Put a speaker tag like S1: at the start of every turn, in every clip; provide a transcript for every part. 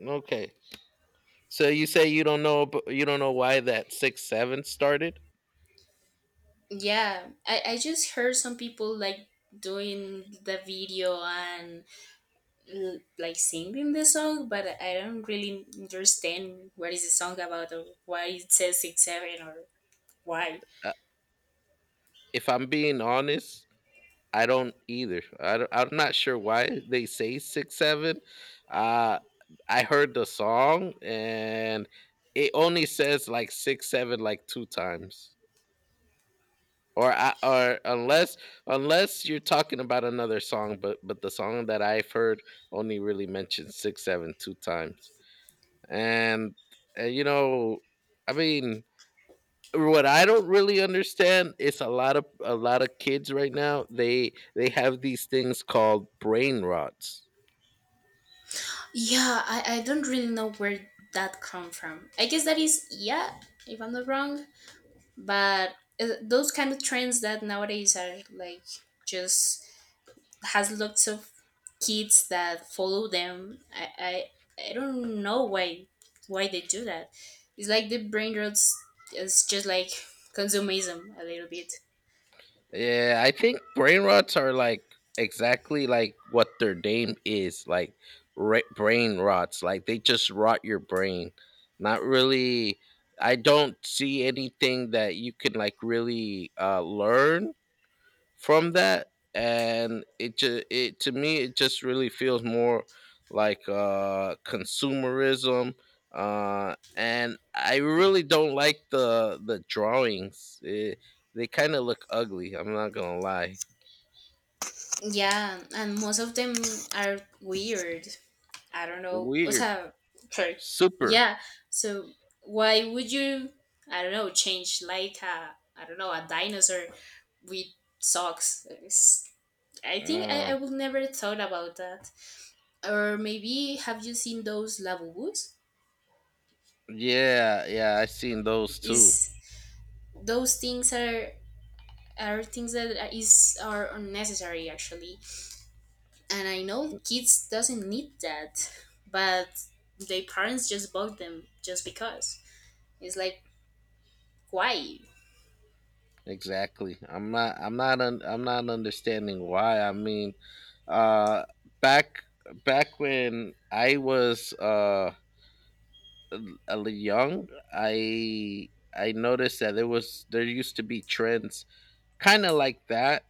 S1: Okay. So you say you don't know why that 6-7 started?
S2: Yeah, I just heard some people like doing the video and like singing the song, but I don't really understand what is the song about or why it says 6-7 or why.
S1: Uh, if I'm being honest, I don't either. I'm not sure why they say 6-7. Uh I heard the song and it only says like 6-7 like two times. Or unless you're talking about another song, but the song that I've heard only really mentions 6 7 2 times. And, and you know, I mean What I don't really understand is a lot of kids right now, they have these things called brain rots.
S2: Yeah, I don't really know where that come from. I guess that is yeah, if I'm not wrong, but those kind of trends that nowadays are like just has lots of kids that follow them. I don't know why they do that. It's like the brain rots is just like consumerism a little bit.
S1: Yeah, I think brain rots are like exactly like what their name is, like brain rots. Like they just rot your brain. Not really. I don't see anything that you can like really learn from that, and it, to me, it just really feels more like consumerism, and I really don't like the drawings. It, they kind of look ugly, I'm not gonna lie.
S2: Yeah, and most of them are weird. I don't know. O
S1: Weird.
S2: sea, sorry.
S1: Super.
S2: Yeah. So why would you I don't know, change like a I don't know, a dinosaur with socks? I think
S1: uh,
S2: I would never thought about that. Or maybe have you seen those lavabos?
S1: yeah, yeah, I seen those too.
S2: Is those things are things that are- is are unnecessary actually, and I know kids doesn't need that, but their parents just bought them just because it's like why.
S1: Exactly. I'm not understanding why. I mean, uh back, when I was young, I noticed that there used to be trends kind of like that,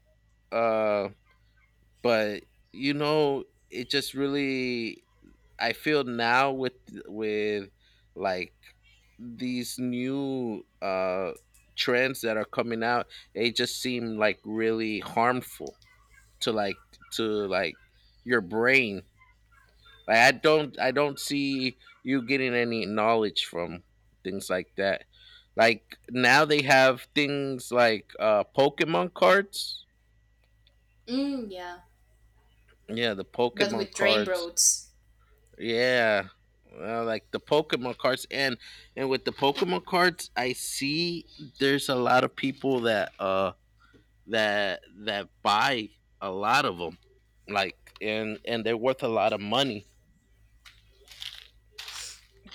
S1: uh, but, you know, it just really, I feel now with with like these new trends that are coming out, they just seem like really harmful to like, to like your brain. I don't see you getting any knowledge from things like that. Like now they have things like Pokemon cards.
S2: Yeah,
S1: Yeah, the
S2: but
S1: Pokemon
S2: with train
S1: cards.
S2: roads.
S1: Yeah. Like the Pokemon cards, and with the Pokemon cards, I see there's a lot of people that that buy a lot of them, like, and they're worth a lot of money.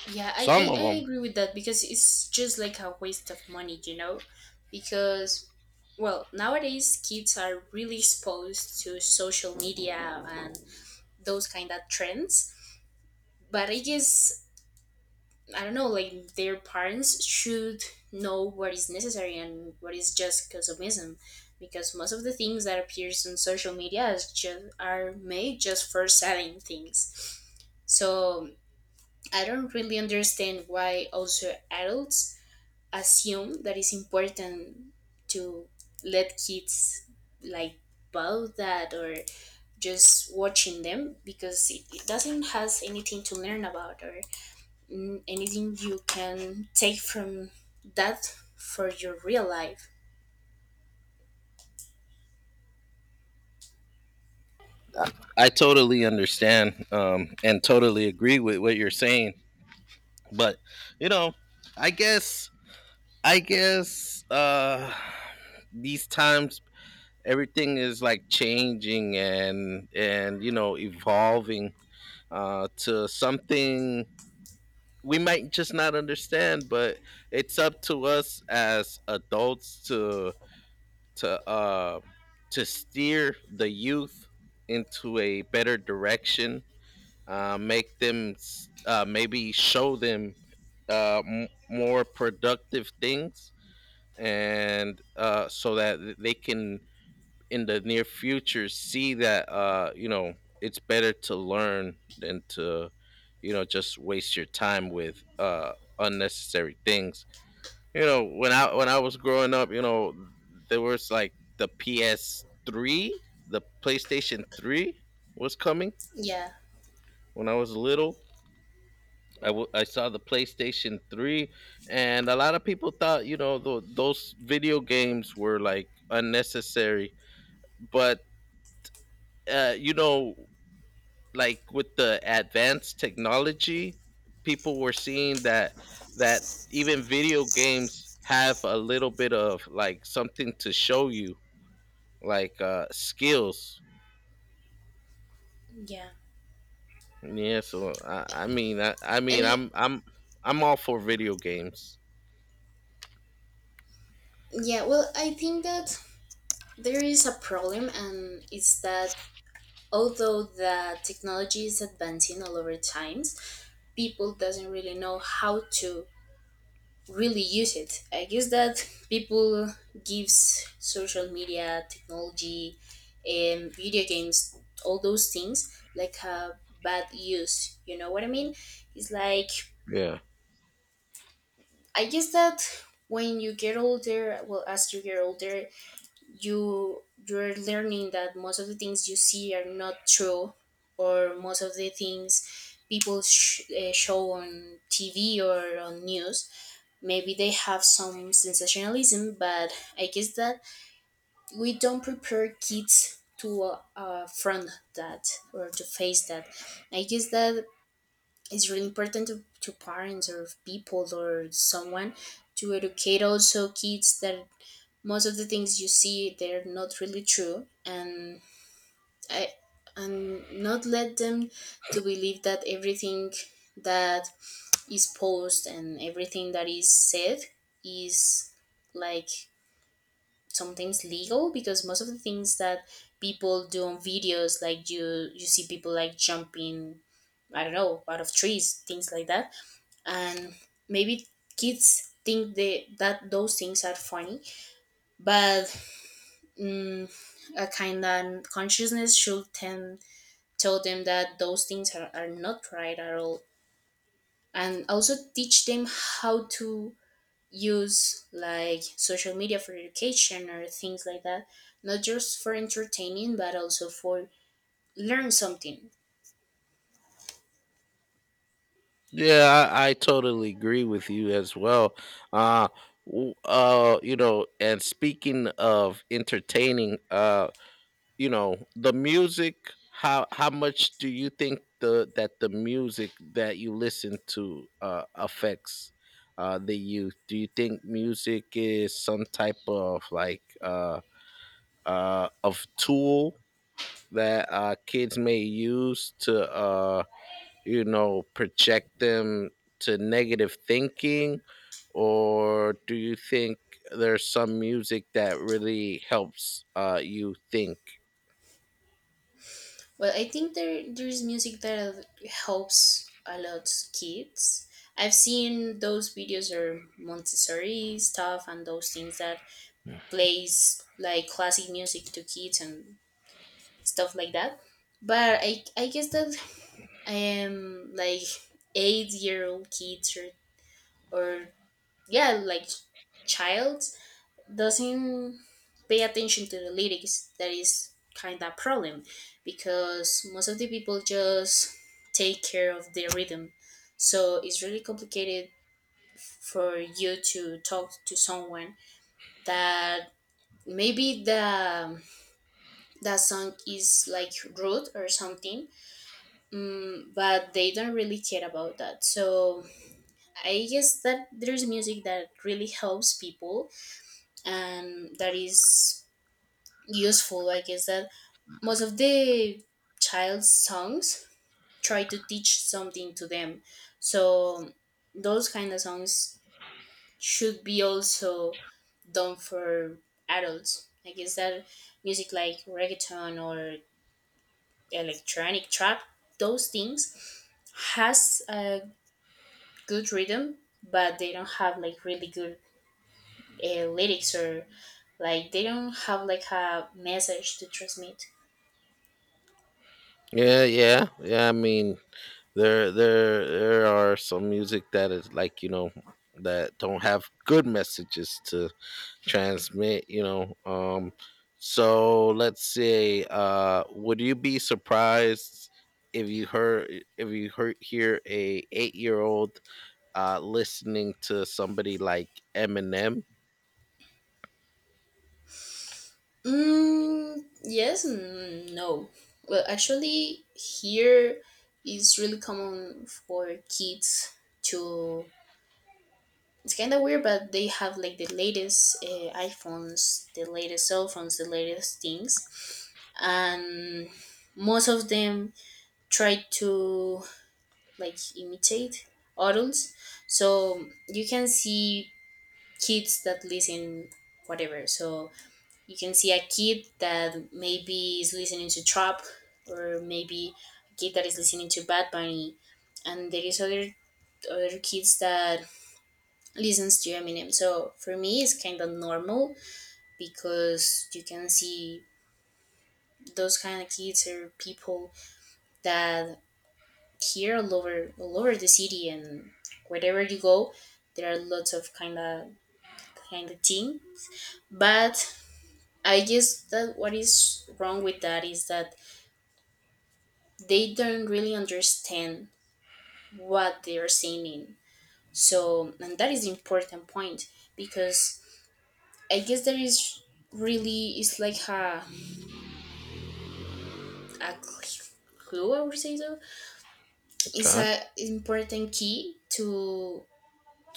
S2: yeah I,
S1: Some of
S2: I
S1: them.
S2: agree with that because it's just like a waste of money, you know, because well nowadays kids are really exposed to social media and those kind of trends. But I guess I don't know, like their parents should know what is necessary and what is just consumism, because most of the things that appears on social media is just are made just for selling things. So I don't really understand why also adults assume that it's important to let kids like buy that or just watching them because it doesn't has anything to learn about or anything you can take from that for your real life.
S1: I totally understand, and totally agree with what you're saying, but, you know, I guess I guess, these times everything is like changing, and you know, evolving to something we might just not understand. But it's up to us as adults to to uh, to steer the youth into a better direction, make maybe show them more productive things, and so that they can in the near future see that, you know, it's better to learn than to, you know, just waste your time with unnecessary things. You know, when I was growing up, you know, there was like the PS3, the playstation 3 was coming.
S2: Yeah,
S1: When I was little, I saw the PlayStation 3, and a lot of people thought, you know, those video games were like unnecessary. But, you know, like with the advanced technology, people were seeing that, even video games have a little bit of like something to show you, like, skills.
S2: yeah.
S1: Yeah, so
S2: And
S1: I'm all for video games.
S2: yeah, well, I think that there is a problem, and it's that although the technology is advancing all over times, people doesn't really know how to really use it. I guess that people gives social media, technology, and video games, all those things like a bad use. You know what I mean? It's like
S1: Yeah.
S2: I guess that when you get older, well, as you get older, you you're learning that most of the things you see are not true, or most of the things people show on TV or on news maybe they have some sensationalism but I guess that we don't prepare kids to front that or to face that. I guess that it's really important to parents or people or someone to educate also kids that most of the things you see they're not really true, and I and not let them to believe that everything that is posed and everything that is said is like sometimes legal, because most of the things that people do on videos like you see people like jumping I don't know out of trees, things like that. And maybe kids think that those things are funny but mm, a kind of consciousness should tend tell them that those things are not right at all, and also teach them how to use like social media for education or things like that, not just for entertaining but also for learn something.
S1: Yeah, I totally agree with you as well. Uh, you know, and speaking of entertaining, you know, the music. How much do you think the that the music that you listen to affects the youth? Do you think music is some type of like of tool that kids may use to, you know, project them to negative thinking? Or do you think there's some music that really helps, you think?
S2: Well, I think there is music that helps a lot kids. I've seen those videos or montessori stuff and those things that plays like classic music to kids and stuff like that. But I guess that like 8-year-old old kids or yeah like child doesn't pay attention to the lyrics. That is kind of a problem because most of the people just take care of the rhythm. So it's really complicated for you to talk to someone that maybe the that song is like rude or something. But they don't really care about that. So I guess that there's music that really helps people and that is useful. I guess that most of the child's songs try to teach something to them. So those kind of songs should be also done for adults. I guess that music like reggaeton or electronic trap, those things has a good rhythm but they don't have like really good lyrics or like they don't have like a message to transmit.
S1: Yeah, yeah, yeah. I mean, there are some music that is like, you know, that don't have good messages to transmit. You know, so let's say, would you be surprised if you heard hear a 8 year old listening to somebody like Eminem.
S2: Mm, yes and no. Well, actually, here it's really common for kids to. It's kind of weird, but they have like the latest iPhones, the latest cell phones, the latest things, and most of them try to like imitate adults. So you can see kids that listen whatever. So you can see a kid that maybe is listening to trap, or maybe a kid that is listening to Bad Bunny, and there is other kids that listens to Eminem. So for me it's kind of normal, because you can see those kind of kids or people that here all over the city, and wherever you go there are lots of kind of thing. But I guess that what is wrong with that is that they don't really understand what they're saying. So and that is important point, because I guess there is really it's like a clue I would say. So it's
S1: Okay.
S2: a important key to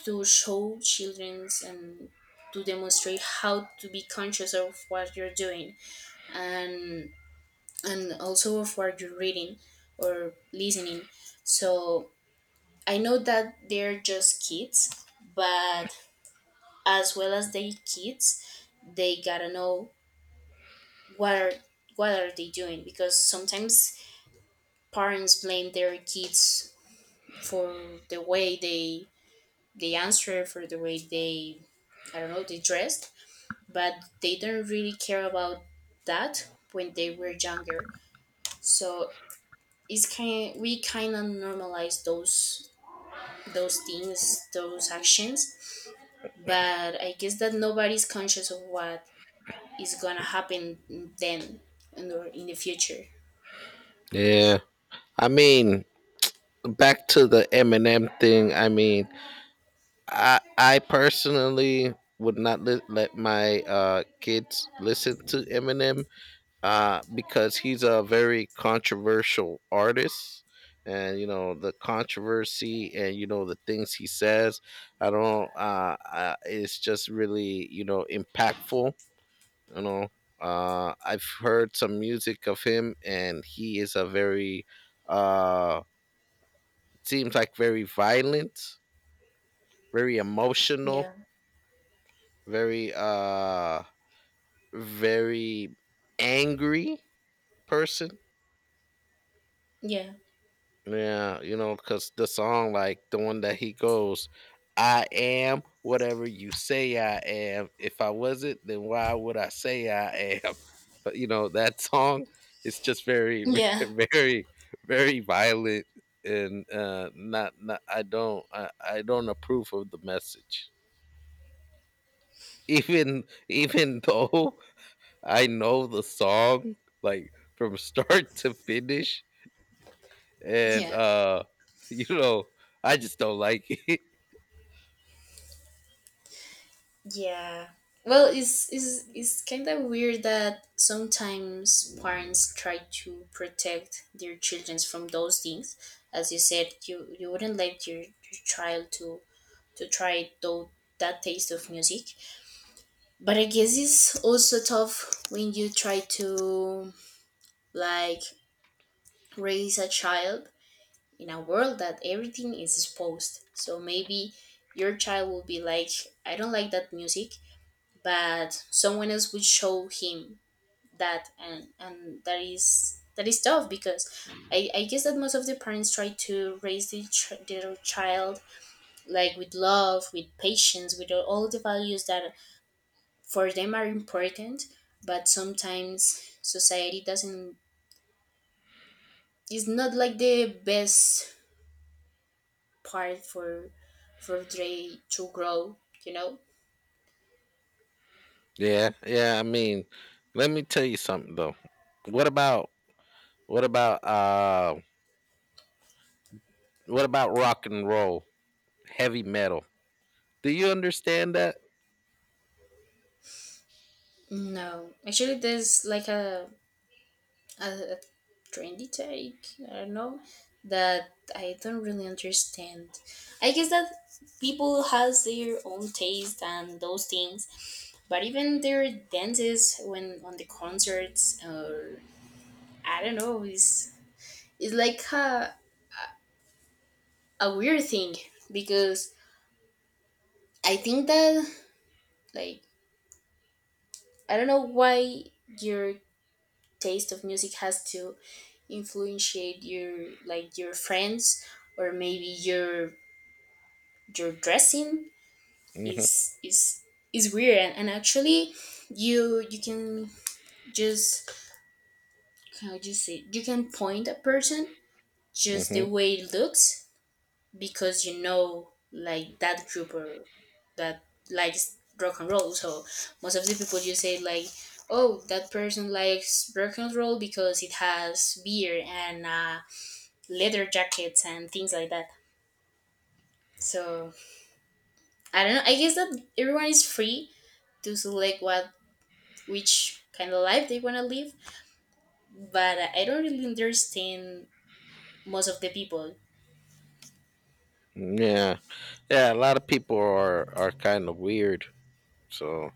S2: show children's and to demonstrate how to be conscious of what you're doing, and and also of what you're reading or listening. So I know that they're just kids, but as well as they kids, they gotta know what are what are they doing, because sometimes parents blame their kids for the way they answer, for the way they I don't know they dressed, but they don't really care about that when they were younger. So it's kind of normalize those things, those actions, but I guess that nobody's conscious of what is gonna happen then and or in the future.
S1: Yeah. I mean, back to the Eminem thing. I mean, I personally would not let my kids listen to Eminem, because he's a very controversial artist. And you know the controversy, and you know the things he says. I don't. It's just really, you know, impactful, you know. I've heard some music of him, and he is a very uh seems like very violent, very emotional,
S2: Yeah,
S1: very very angry person.
S2: yeah,
S1: Yeah, you know, because the song, like the one that he goes, "I am whatever you say I am. If I wasn't, then why would I say I am?" But you know, that song is just very,
S2: yeah,
S1: very, very violent, and not, I don't approve of the message. Even though I know the song like from start to finish, and,
S2: yeah,
S1: you know, I just don't like it.
S2: yeah. Well, it's kind of weird that sometimes parents try to protect their children from those things. As you said, you wouldn't let your child to try those that taste of music. But I guess it's also tough when you try to like raise a child in a world that everything is exposed. So maybe your child will be like, I don't like that music, but someone else will show him that. And that is tough, because I guess that most of the parents try to raise their child like with love, with patience, with all the values that for them are important, but sometimes society doesn't is not like the best part for they to grow, you know.
S1: Yeah, yeah. I mean, let me tell you something though. What about what about uh what about rock and roll, heavy metal? Do you understand that?
S2: No, actually there's like a, a trendy take I don't know that I don't really understand. I guess that people has their own taste and those things. But even their dances when on the concerts or I don't know is like a weird thing, because I think that like I don't know why your taste of music has to influence your like your friends or maybe your dressing
S1: Mm-hmm.
S2: is is weird. And actually you can just how do you say you can point a person just the
S1: Mm-hmm.
S2: way it looks, because you know like that group or that likes rock and roll. So most of the people you say like, oh that person likes rock and roll because it has beer and leather jackets and things like that. So I don't know. I guess that everyone is free to select what which kind of life they want to live, but I don't really understand most of the people.
S1: Yeah, yeah. A lot of people are kind of weird. So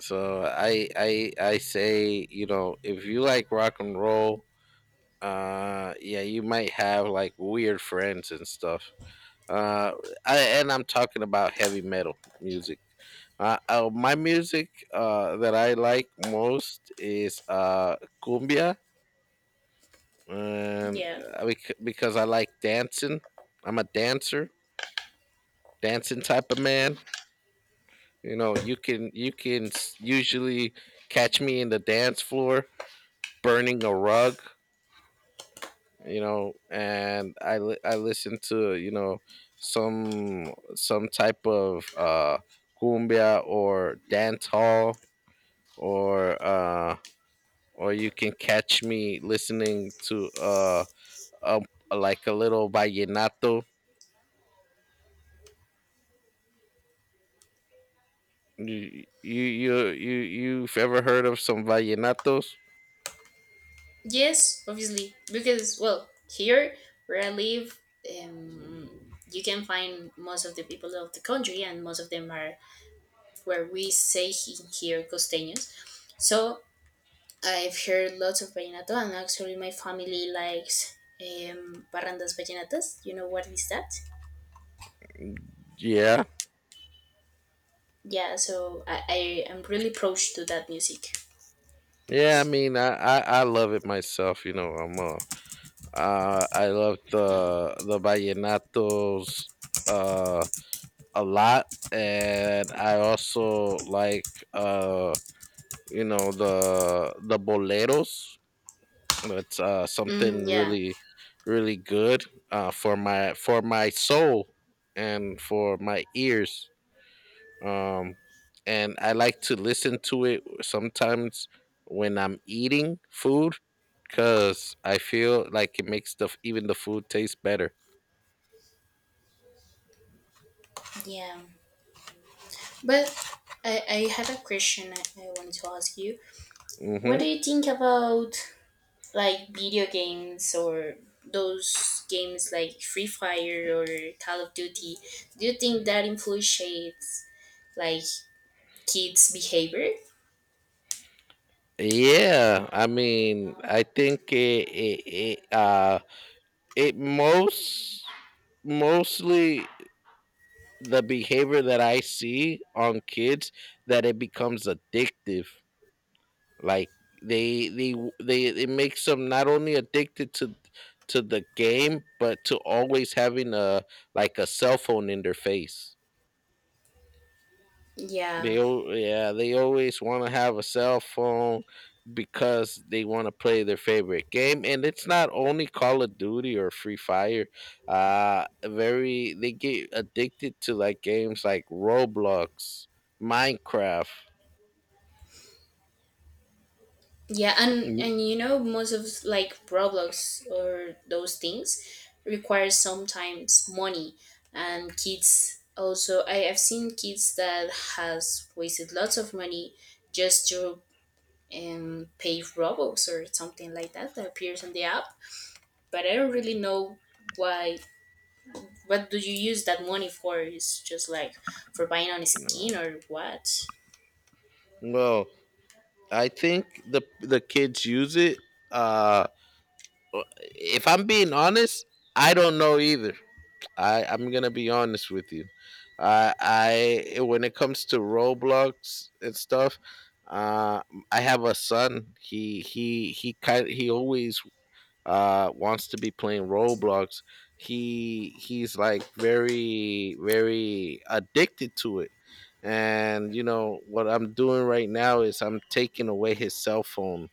S1: I say, you know, if you like rock and roll, yeah, you might have like weird friends and stuff. uh, and I'm talking about heavy metal music. My music that I like most is, cumbia, and
S2: Yeah.
S1: because I like dancing. I'm a dancer, dancing type of man. You know, you can usually catch me in the dance floor, burning a rug, you know. And I listen to, you know, some type of cumbia or dance hall, or you can catch me listening to, a like a little vallenato. You've ever heard of some vallenatos?
S2: Yes, obviously, because well, here where I live, um, you can find most of the people of the country, and most of them are where we say here costeños. So I've heard lots of vallenato, and actually, my family likes barrandas vallenatas. You know what is that?
S1: Yeah,
S2: Yeah, so I am really close to that music.
S1: yeah. I love it myself. You know, I love the vallenatos uh a lot. And I also like, you know, the boleros. That's
S2: Mm,
S1: something
S2: yeah,
S1: really really good for my soul and for my ears. Um and I like to listen to it sometimes when I'm eating food, cuz I feel like it makes the even the food taste better.
S2: yeah. But I had a question I wanted to ask you. What do
S1: Mhm.
S2: you think about like video games or those games like Free Fire or Call of Duty? Do you think that influences like kids' behavior?
S1: Yeah, I mean, I think it it, it it most mostly the behavior that I see on kids, that it becomes addictive. Like they they they, it makes them not only addicted to the game, but to always having a, like a cell phone in their face.
S2: Yeah.
S1: Yeah, they always want to have a cell phone because they want to play their favorite game, and it's not only Call of Duty or Free Fire. Very they get addicted to like games like Roblox, Minecraft.
S2: Yeah,
S1: You
S2: and you know most of like Roblox or those things require sometimes money, and kids also I have seen kids that has wasted lots of money just to pay Roblox or something like that that appears on the app. But I don't really know why what do you use that money for? Is just like for buying on skin
S1: know.
S2: or what?
S1: Well, I think the kids use it. Uh, if I'm being honest, I don't know either. I'm gonna be honest with you. I I when it comes to Roblox and stuff, uh, I have a son. He always wants to be playing Roblox. He's like very very addicted to it. And you know what I'm doing right now is I'm taking away his cell phone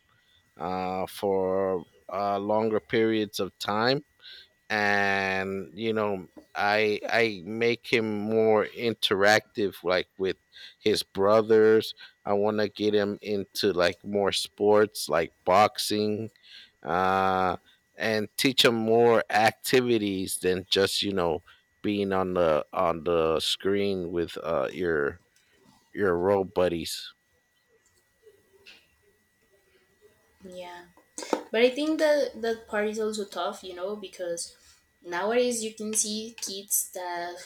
S1: for longer periods of time. And you know, I make him more interactive, like with his brothers. I want to get him into like more sports like boxing, uh and teach him more activities than just, you know, being on the screen with your road buddies.
S2: Yeah. But I think that that part is also tough, you know, because nowadays you can see kids that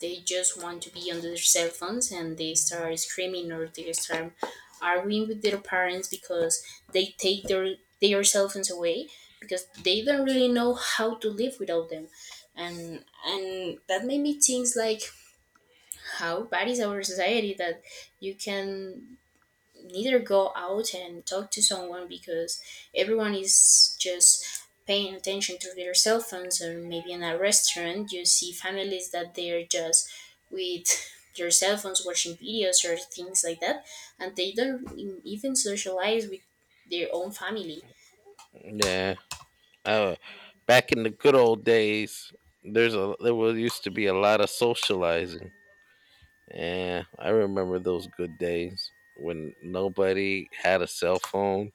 S2: they just want to be on their cell phones, and they start screaming or they start arguing with their parents because they take their cell phones away, because they don't really know how to live without them. And that made me think like, how bad is our society that you can neither go out and talk to someone because everyone is just paying attention to their cell phones, or maybe in a restaurant you see families that they're just with their cell phones watching videos or things like that, and they don't even socialize with their own family.
S1: Yeah. uh back in the good old days, there was used to be a lot of socializing. Yeah, I remember those good days when nobody had a cell phone.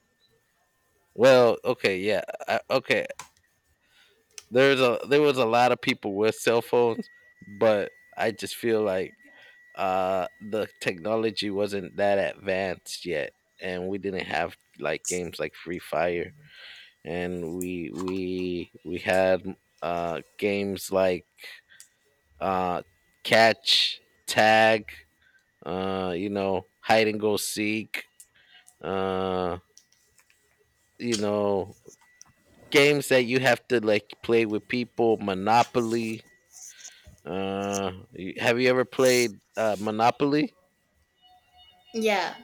S1: Well, okay, yeah, okay. There was a lot of people with cell phones, but I just feel like the technology wasn't that advanced yet, and we didn't have like games like Free Fire, and we had games like uh catch, tag, you know, hide and go seek, uh you know, games that you have to like play with people. Monopoly, have you ever played monopoly?
S2: Yeah.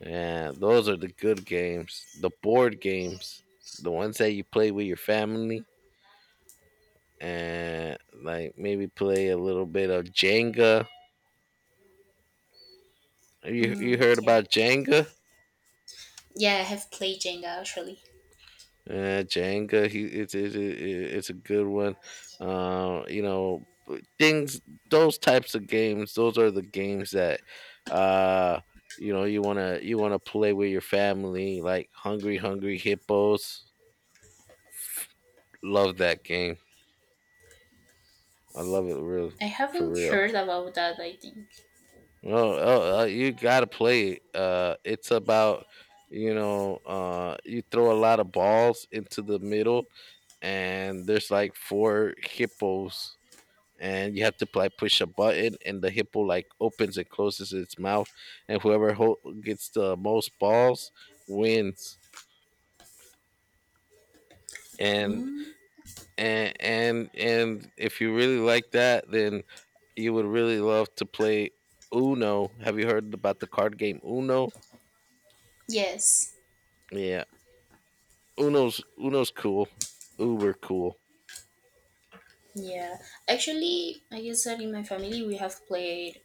S1: Yeah, those are the good games, the board games, the ones that you play with your family. And like maybe play a little bit of jenga. You
S2: Mm,
S1: heard
S2: yeah.
S1: about jenga?
S2: Yeah, I have played Jenga, actually.
S1: Jenga, he it's a good one. You know, but things those types of games, those are the games that uh you know, you want to play with your family, like Hungry Hungry Hippos. Love that game. I love it real.
S2: I
S1: For
S2: haven't
S1: real.
S2: heard about that, I think.
S1: Oh, oh, you got to play it. It's about you throw a lot of balls into the middle, and there's like four hippos, and you have to like push a button, and the hippo like opens and closes its mouth, and whoever gets the most balls wins. and
S2: Mm,
S1: and and and if you really like that, then you would really love to play uno. Have you heard about the card game uno?
S2: yes.
S1: Yeah, uno's cool. Uber cool.
S2: Yeah, actually I guess that in my family we have played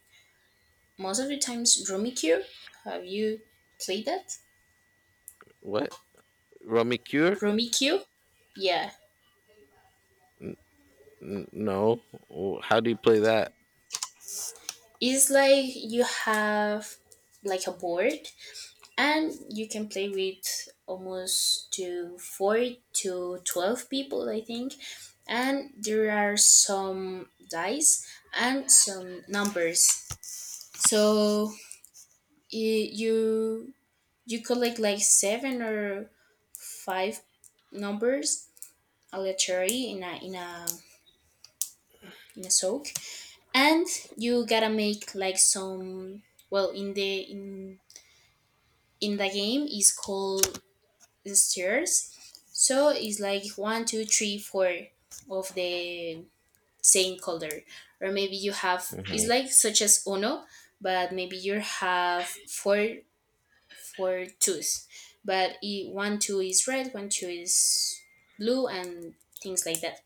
S2: most of the times, Rummikub. Have you played that?
S1: What, rummy cure?
S2: Rummikub? Yeah.
S1: N- no. Oh, how do you play that?
S2: It's like you have like a board, and you can play with almost to 4 to 12 people, I think. And there are some dice and some numbers. So i- you you collect like seven or five numbers aleatory in a soak, and you gotta make like some, well, in the in the game is called stairs. So it's like 1, 2, 3, 4 of the same color, or maybe you have, it's
S1: Hmm.
S2: like such as Uno, but maybe you have four twos, but 1, 2 is red, 1, 2 is blue and things like that.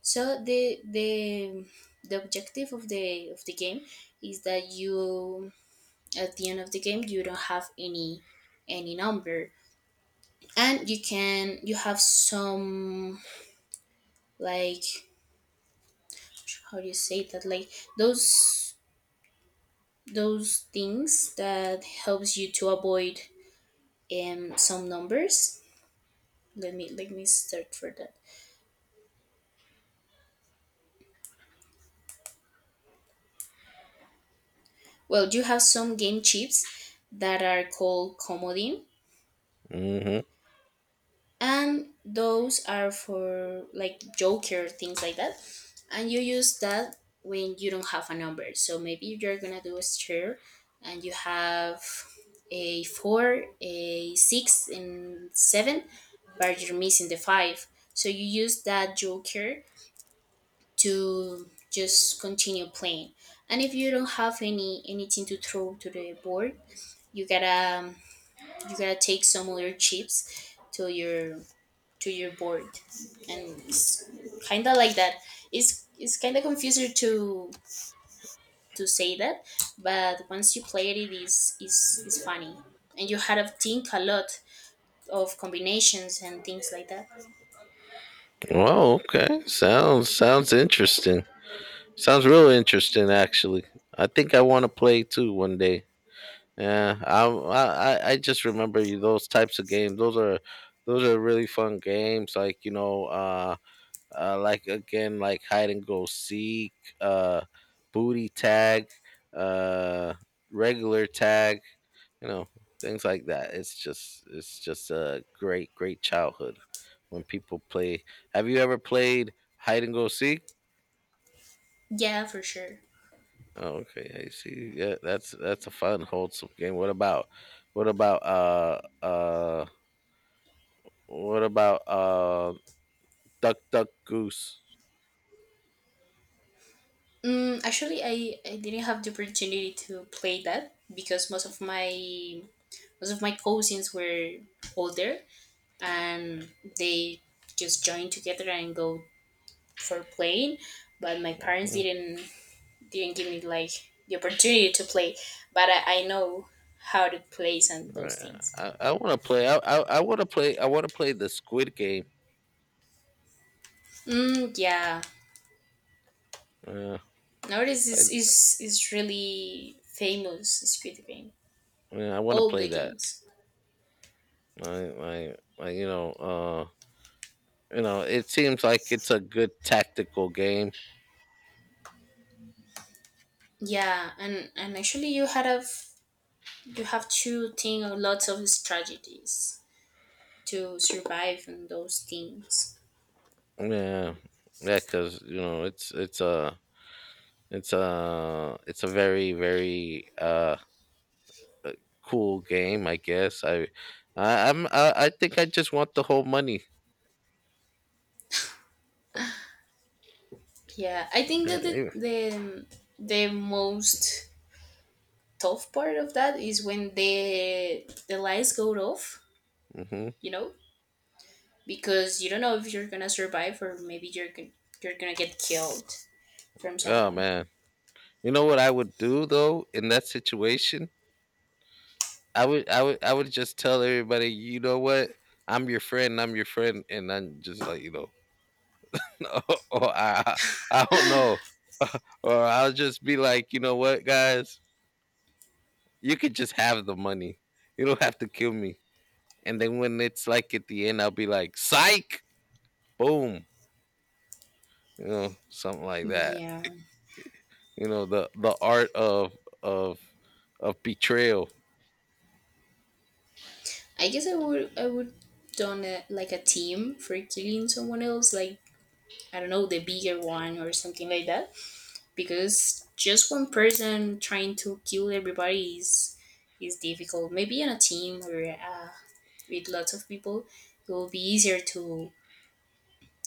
S2: So the objective of the game is that you, at the end of the game, you don't have any number. And you can, you have some, like, how do you say that, like, those those things that helps you to avoid some numbers. Let me start for that. Well, you have some game chips that are called comodine,
S1: Hmm.
S2: and those are for like joker things like that. And you use that when you don't have a number, so maybe you're gonna do a stir and you have a four, a six and seven, but you're missing the five, so you use that joker to just continue playing. And if you don't have anything to throw to the board, you gotta you gotta take some other chips to your board. And it's kind of like that. It's kind of confusing to say that, but once you play it, it is funny, and you had to think a lot of combinations and things like that.
S1: Oh, okay. Sounds interesting. Sounds real interesting, actually. I think I want to play too one day. Yeah, I just remember you those types of games. Those are really fun games. Like like again like hide and go seek, uh booty tag, uh regular tag, you know, things like that. It's just a great childhood when people play. Have you ever played hide and go seek?
S2: Yeah, for sure.
S1: Oh, okay, I see. Yeah, that's a fun wholesome game. What about, what about uh uh what about uh duck duck goose?
S2: Actually, I didn't have the opportunity to play that because most of my cousins were older, and they just joined together and go for playing, but my parents
S1: Hmm.
S2: didn't give me like the opportunity to play. But I know how to play and those
S1: Right.
S2: things.
S1: I want to play. I want to play. I want to play the Squid Game.
S2: Mm, yeah,
S1: Uh,
S2: nowadays
S1: I
S2: is really famous Squid Game.
S1: Yeah, I want to
S2: All
S1: play
S2: the
S1: that.
S2: games.
S1: I, I I You know it seems like it's a good tactical game.
S2: Yeah, and actually you have to think of lots of strategies to survive in those things.
S1: Yeah, yeah, because you know it's a it's a it's a very cool game. I think I just want the whole money.
S2: Yeah, I think that
S1: Mm-hmm.
S2: the most tough part of that is when the lights go off. You know, because you don't know if you're gonna survive, or maybe you're gonna get killed from
S1: Oh
S2: someone.
S1: man! You know what I would do though in that situation? I would just tell everybody, you know what? I'm your friend, and then just like, you know, or I don't know. Or I'll just be like, you know what, guys, you could just have the money. You don't have to kill me. And then when it's like at the end, I'll be like, psych, boom, you know, something like that.
S2: Yeah,
S1: You know, the art of of betrayal.
S2: I guess I would done a, like a team for killing someone else, like I don't know, the bigger one or something like that, because just one person trying to kill everybody is difficult. Maybe in a team, or with lots of people, it will be easier to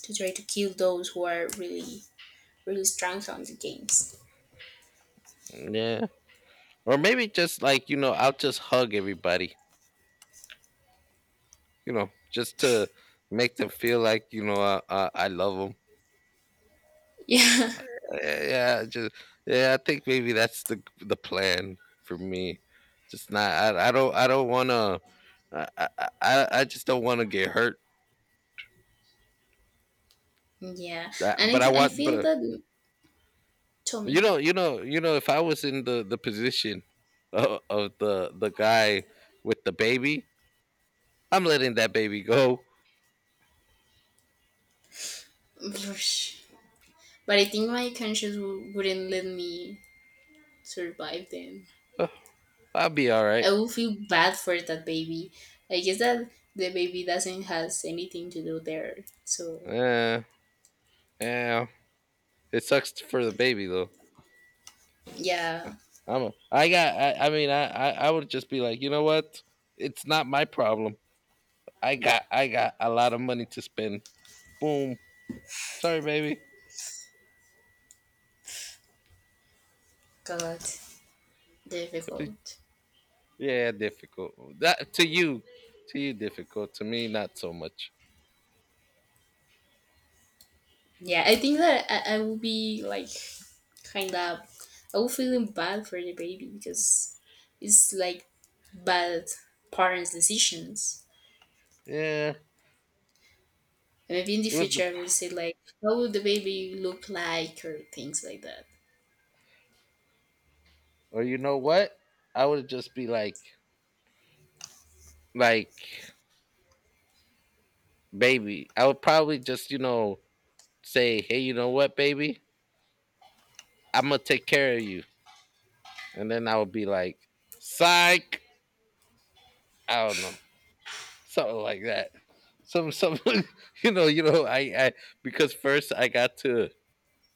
S2: to try to kill those who are really really strong on the games.
S1: Yeah. Or maybe just like, you know, I'll just hug everybody, you know, just to make them feel like you know I love them.
S2: Yeah.
S1: Yeah, just yeah, I think maybe that's the plan for me. Just not I, I don't want to, I just don't want to get hurt.
S2: Yeah, and
S1: But I
S2: I
S1: want, but
S2: feel that
S1: you
S2: Tommy.
S1: know, if I was in the position of the guy with the baby, I'm letting that baby go.
S2: Blush. But I think my conscience wouldn't let me survive then.
S1: Uh, I'll be all right.
S2: I will feel bad for that baby. I guess that the baby doesn't has anything to do there. So
S1: Yeah, yeah. It sucks for the baby though.
S2: yeah,
S1: I'm a, I got I mean I would just be like, you know what? It's not my problem. I got a lot of money to spend. Boom. Sorry, baby.
S2: God, difficult.
S1: Yeah, difficult. That to you difficult. To me, not so much.
S2: Yeah, I think that I will be like kind of I will feeling bad for the baby because it's like bad parents' decisions.
S1: Yeah,
S2: And maybe in the
S1: it was the,
S2: future I will say like, how would the baby look like, or things like that.
S1: or you know what? I would just be like, baby. I would probably just, you know, say, hey, you know what, baby? I'm gonna take care of you, and then I would be like, psych. I don't know. Something like that. Some you know, I because first I got to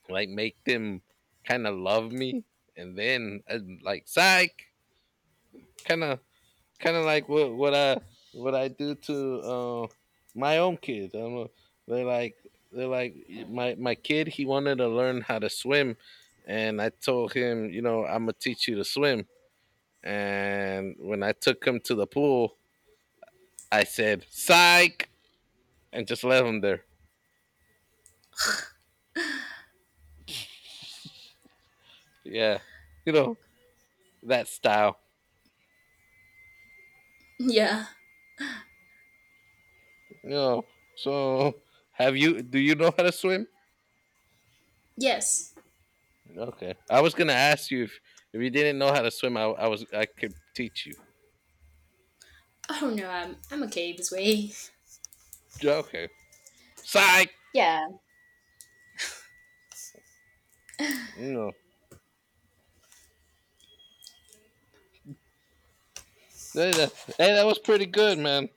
S1: like make them kind of love me, and then like psych, kind of like what I do to my own kids. They're like they're like my kid. He wanted to learn how to swim, and I told him, you know, I'm gonna teach you to swim. And when I took him to the pool, I said, "Psych," and just left him there. Yeah, you know, that style.
S2: Yeah.
S1: You know, so have you? Do you know how to swim?
S2: Yes.
S1: Okay, I was gonna ask you if you didn't know how to swim, I was I could teach you.
S2: I don't know, I'm okay this way.
S1: Okay, psych.
S2: Yeah.
S1: No, hey, that, hey, that was pretty good, man.